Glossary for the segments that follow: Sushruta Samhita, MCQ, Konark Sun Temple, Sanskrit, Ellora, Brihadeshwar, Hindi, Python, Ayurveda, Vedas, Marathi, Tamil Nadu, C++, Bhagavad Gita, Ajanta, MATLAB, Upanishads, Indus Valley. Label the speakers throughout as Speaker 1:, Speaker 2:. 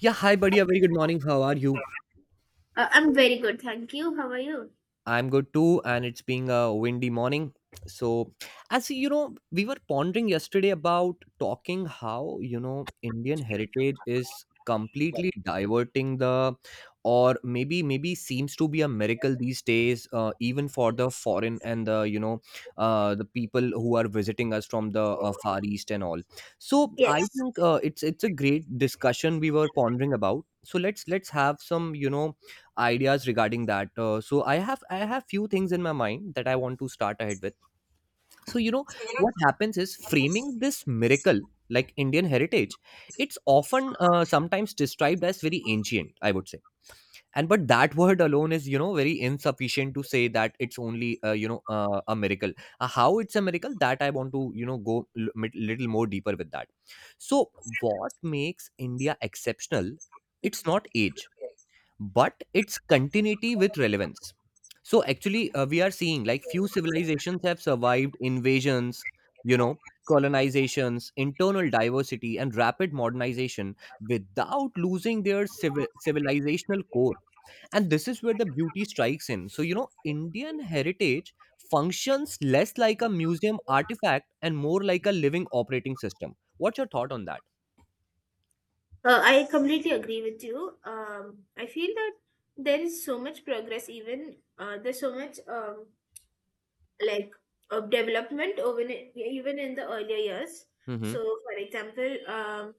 Speaker 1: Yeah, hi buddy. A very good morning. How are you?
Speaker 2: I'm very good, thank you. How are you?
Speaker 1: I'm good too, and it's being a windy morning. So, as you know, we were pondering yesterday about talking how, Indian heritage is completely diverting the, or maybe seems to be a miracle these days, even for the foreign and the you know the people who are visiting us from the far east and all. So I
Speaker 2: Yes.
Speaker 1: think, it's a great discussion we were pondering about. So let's have some, ideas regarding that. So I have few things in my mind that I want to start ahead with. So what happens is framing this miracle, like Indian heritage. It's often, sometimes described as very ancient, I would say. And but that word alone is, very insufficient to say that it's only, a miracle. How it's a miracle, that I want to, go little more deeper with that. So what makes India exceptional?
Speaker 2: Mhm.
Speaker 1: It's not age, but its continuity with relevance. So actually, we are seeing like few civilizations have survived invasions, you know, colonizations, internal diversity, and rapid modernization without losing their civilizational core. And this is where the beauty strikes in. So, Indian heritage functions less like a museum artifact and more like a living operating system. What's your thought on that?
Speaker 2: I completely agree with you. I feel that there is so much progress, even there's so much like development over in, even in the earlier years.
Speaker 1: Mm-hmm.
Speaker 2: So, for example,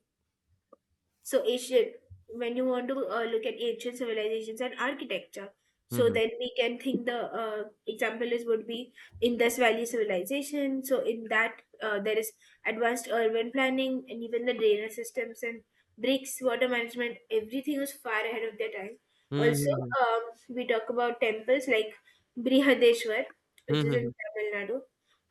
Speaker 2: So Asian, when you want to look at ancient civilizations and architecture, so
Speaker 1: Mm-hmm.
Speaker 2: then we can think the example is would be Indus Valley civilization. So in that there is advanced urban planning and even the drainage systems and bricks, water management. Everything was far ahead of their time. Also,
Speaker 1: Mm-hmm.
Speaker 2: um, we talk about temples like Brihadeshwar, which is in Tamil Nadu,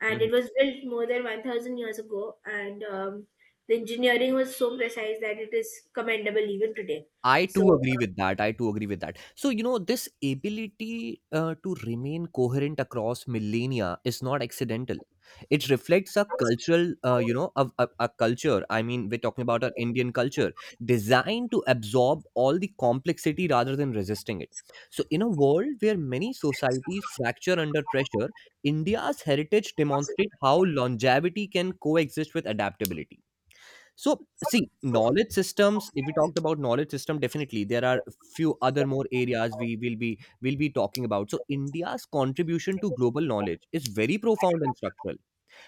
Speaker 2: and
Speaker 1: Mm-hmm.
Speaker 2: it was built more than 1,000 years ago, and the engineering was so precise that it is commendable even today.
Speaker 1: I too
Speaker 2: So
Speaker 1: agree with that. I too agree with that. So, this ability, to remain coherent across millennia is not accidental. It reflects a cultural, a culture. I mean, we're talking about our Indian culture designed to absorb all the complexity rather than resisting it. So, in a world where many societies fracture under pressure, India's heritage demonstrates how longevity can coexist with adaptability. So, see, knowledge systems. If we talked about knowledge system, definitely there are few other more areas we will be talking about. So, India's contribution to global knowledge is very profound and structural.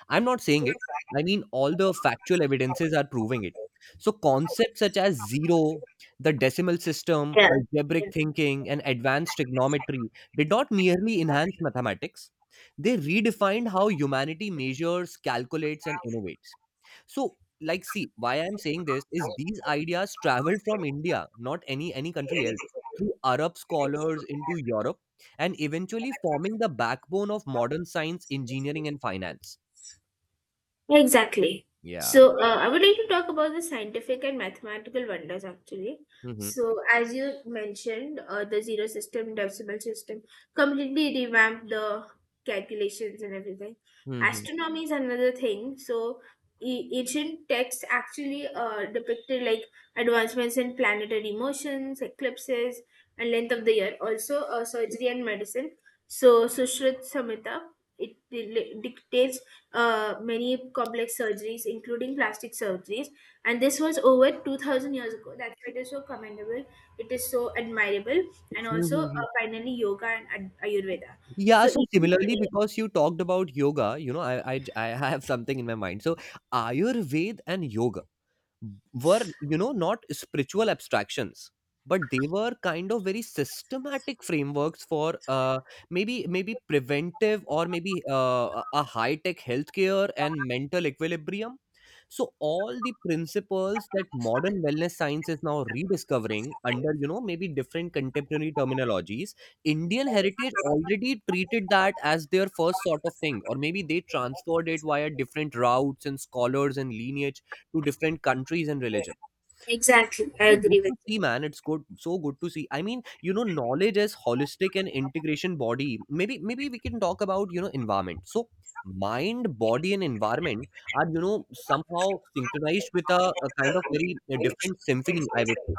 Speaker 1: I'm not saying it. I mean, all the factual evidences are proving it. So, concepts such as zero, the decimal system, algebraic thinking, and advanced trigonometry did not merely enhance mathematics; they redefined how humanity measures, calculates, and innovates. So, like, see, why I'm saying this is these ideas traveled from India, not any country else, through Arab scholars into Europe, and eventually forming the backbone of modern science, engineering, and finance.
Speaker 2: exactly.
Speaker 1: Yeah.
Speaker 2: So, I would like to talk about the scientific and mathematical wonders actually.
Speaker 1: Hmm.
Speaker 2: So, as you mentioned, the zero system, decimal system completely revamped the calculations and everything.
Speaker 1: Hmm.
Speaker 2: Astronomy is another thing. So, ancient texts actually depicted like advancements in planetary motions, eclipses, and length of the year. Also, surgery and medicine. So, Sushruta Samhita, dictates many complex surgeries, including plastic surgeries. And this was over 2000 years ago. That's why it is so commendable. It is so admirable. And also,
Speaker 1: Mhm.
Speaker 2: finally, yoga and Ayurveda.
Speaker 1: Yeah,
Speaker 2: So,
Speaker 1: so
Speaker 2: even
Speaker 1: similarly,
Speaker 2: today,
Speaker 1: because you talked about yoga, you know, I have something in my mind. So, Ayurveda and yoga were, not spiritual abstractions, but they were kind of very systematic frameworks for, maybe preventive, or maybe, a high tech healthcare and mental equilibrium. So all the principles that modern wellness science is now rediscovering under, maybe different contemporary terminologies, Indian heritage already treated that as their first sort of thing, or maybe they transferred it via different routes and scholars and lineage to different countries and religion.
Speaker 2: exactly,
Speaker 1: It's
Speaker 2: I
Speaker 1: so good
Speaker 2: agree
Speaker 1: to
Speaker 2: with you.
Speaker 1: see, man. It's good, so good to see. I mean, knowledge as holistic and integration body. Maybe, maybe we can talk about, environment. So, mind, body, and environment are, somehow synchronized with a kind of very, different symphony, I would say.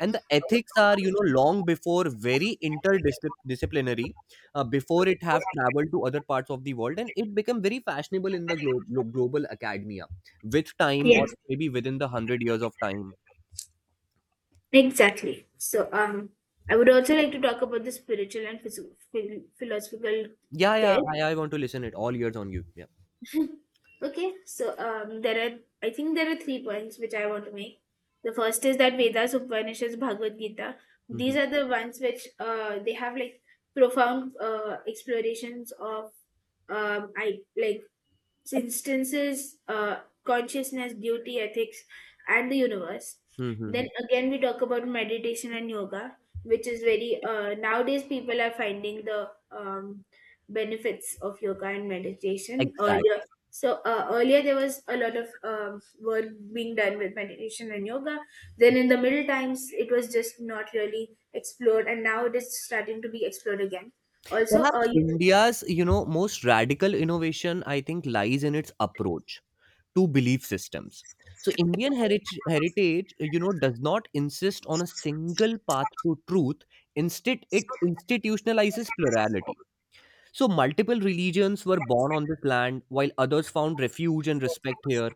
Speaker 1: And the ethics are, long before very interdisciplinary, before it have traveled to other parts of the world, and it become very fashionable in the global academia with time, or
Speaker 2: Yes,
Speaker 1: maybe within the 100 years of time.
Speaker 2: exactly. So, I would also like to talk about the spiritual and philosophical
Speaker 1: Yeah, yeah,
Speaker 2: there.
Speaker 1: I want to listen it. All ears on you. Yeah.
Speaker 2: Okay, so there are I think there are three points which I want to make. The first is that Vedas, Upanishads, Bhagavad Gita.
Speaker 1: Mm-hmm.
Speaker 2: These are the ones which they have like profound explorations of I like instances consciousness, beauty, ethics, and the universe.
Speaker 1: Mm-hmm.
Speaker 2: Then again, we talk about meditation and yoga, which is very nowadays people are finding the benefits of yoga and meditation
Speaker 1: Exact.
Speaker 2: earlier. So earlier there was a lot of work being done with meditation and yoga. Then in the middle times, it was just not really explored, and now it is starting to be explored again. Also,
Speaker 1: Perhaps India's, most radical innovation, I think, lies in its approach to belief systems. So Indian heritage, does not insist on a single path to truth. Instead, it institutionalizes plurality. So multiple religions were born on this land, while others found refuge and respect here.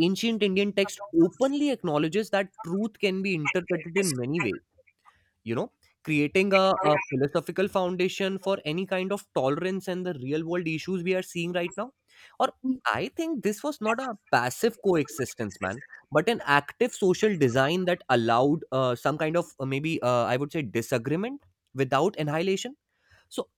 Speaker 1: Ancient Indian text openly acknowledges that truth can be interpreted in many ways, you know creating a philosophical foundation for any kind of tolerance and the real world issues we are seeing right now. Or
Speaker 2: you,
Speaker 1: I think this was not a passive coexistence, man, but an active social design that allowed, some kind of, maybe, I would say, disagreement without annihilation. So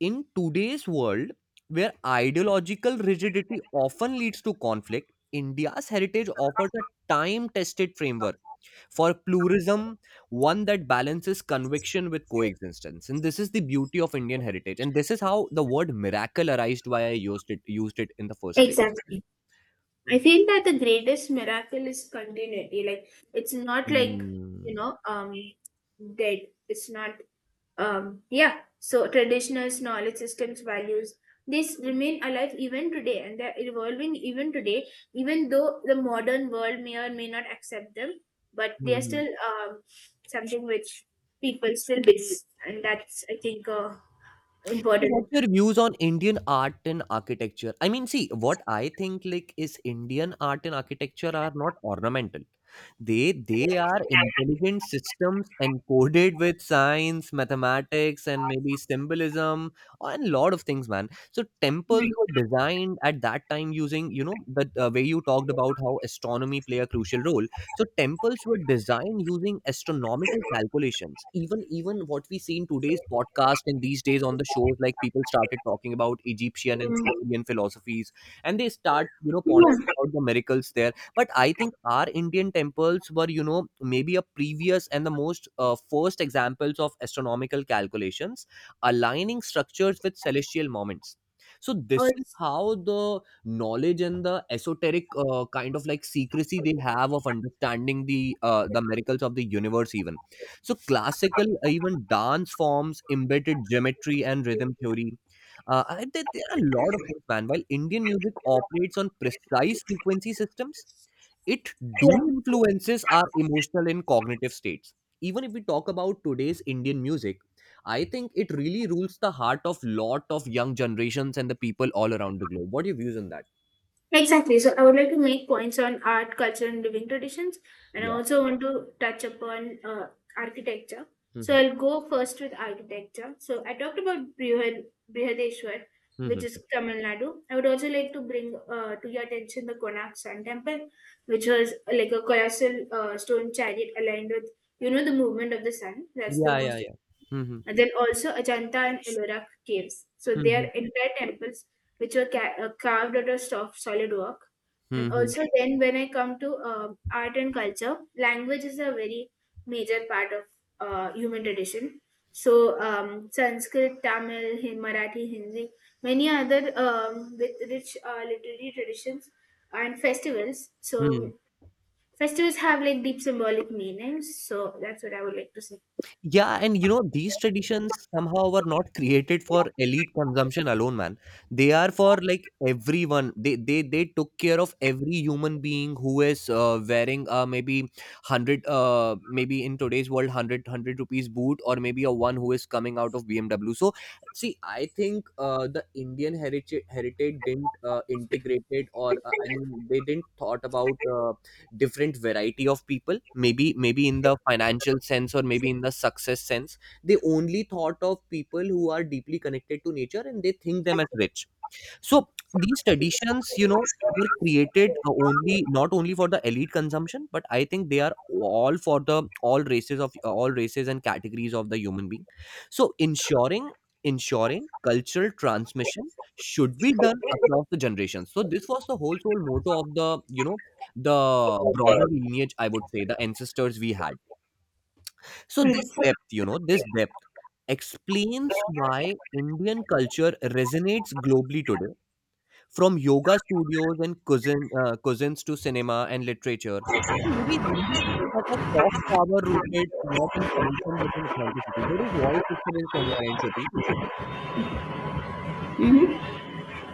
Speaker 1: in today's world where ideological rigidity often leads to conflict, India's heritage offers a time tested framework for pluralism, one that balances conviction with coexistence. And this is the beauty of Indian heritage. And this is how the word miracle arised, why I used it in the first place.
Speaker 2: exactly. I feel that the greatest miracle is continuity. Like it's not like you
Speaker 1: Mm.
Speaker 2: know, um, dead. It's not yeah. So traditional knowledge systems, values, these remain alive even today, and they're evolving even today. Even though the modern world may or may not accept them, but they are
Speaker 1: Mhm.
Speaker 2: still something which people still believe, and that's I think
Speaker 1: So what's
Speaker 2: important.
Speaker 1: your views on Indian art and architecture? I mean, see, what I think like is Indian art and architecture are not ornamental. They are intelligent systems encoded with science, mathematics, and maybe symbolism and lot of things, man. So temples
Speaker 2: Mm,
Speaker 1: were designed at that time using, the, way you talked about how astronomy play a crucial role. So temples were designed using astronomical calculations. Even what we see in today's podcast and these days on the shows, like people started talking about Egyptian and
Speaker 2: mm,
Speaker 1: Sumerian philosophies, and they start, pondering
Speaker 2: yeah.
Speaker 1: about the miracles there. But I think our Indian temples were, maybe a previous and the most, first examples of astronomical calculations, aligning structures with celestial moments. So this is
Speaker 2: Also,
Speaker 1: how the knowledge and the esoteric, kind of like secrecy they have of understanding the miracles of the universe, even. So classical, even dance forms embedded geometry and rhythm theory. There are a lot of things, man, while Indian music operates on precise frequency systems. It do influences our emotional and cognitive states. Even if we talk about today's Indian music, I think it really rules the heart of lot of young generations and the people all around the globe. What are your views on that?
Speaker 2: exactly. So I would like to make points on art, culture, and living traditions, and I
Speaker 1: Yeah.
Speaker 2: also want to touch upon architecture. So
Speaker 1: Mhm.
Speaker 2: I'll go first with architecture. So I talked about Brihadeshwar, which is
Speaker 1: Mhm.
Speaker 2: Tamil Nadu. I would also like to bring to your attention the Konark Sun Temple, which was like a colossal stone chariot aligned with, you know, the movement of the sun. That's the
Speaker 1: Yeah, yeah,
Speaker 2: most
Speaker 1: yeah. Mhm.
Speaker 2: and then also Ajanta and Ellora caves. So they are
Speaker 1: Mhm.
Speaker 2: entire temples which were carved out of soft, solid rock. And
Speaker 1: Mhm.
Speaker 2: also then when I come to art and culture, language is a very major part of human tradition. So Sanskrit, Tamil, Marathi, Hindi, many other with rich literary traditions and festivals.
Speaker 1: Hmm.
Speaker 2: So festivals have like deep symbolic meanings. So that's what I would like to say.
Speaker 1: Yeah, and these traditions somehow were not created for elite consumption alone, man. They are for like everyone. They took care of every human being who is, wearing maybe hundred, maybe in today's world, hundred rupees boot, or maybe a one who is coming out of BMW. So see, I think, the Indian heritage didn't, integrate it, or, I mean they didn't thought about, different variety of people, maybe in the financial sense, or maybe in the success sense. They only thought of people who are deeply connected to nature and they think them as rich. So these traditions, were created, only not only for the elite consumption, but I think they are all for the all races of, all races and categories of the human being. So ensuring cultural transmission should be done across the generations. So this was the whole sole motto of the you know the broader lineage. I would say the ancestors we had. So this depth, this depth explains why Indian culture resonates globally today, from yoga studios and cousins to cinema and literature. And maybe that has soft power rooted not in commotion but in authenticity. There is voice disturbance from your end, Shruti.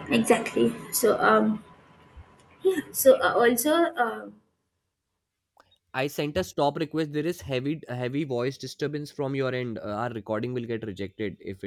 Speaker 2: Exactly. So so also.
Speaker 1: I sent a stop request. There is heavy voice disturbance from your end. Our recording will get rejected if it.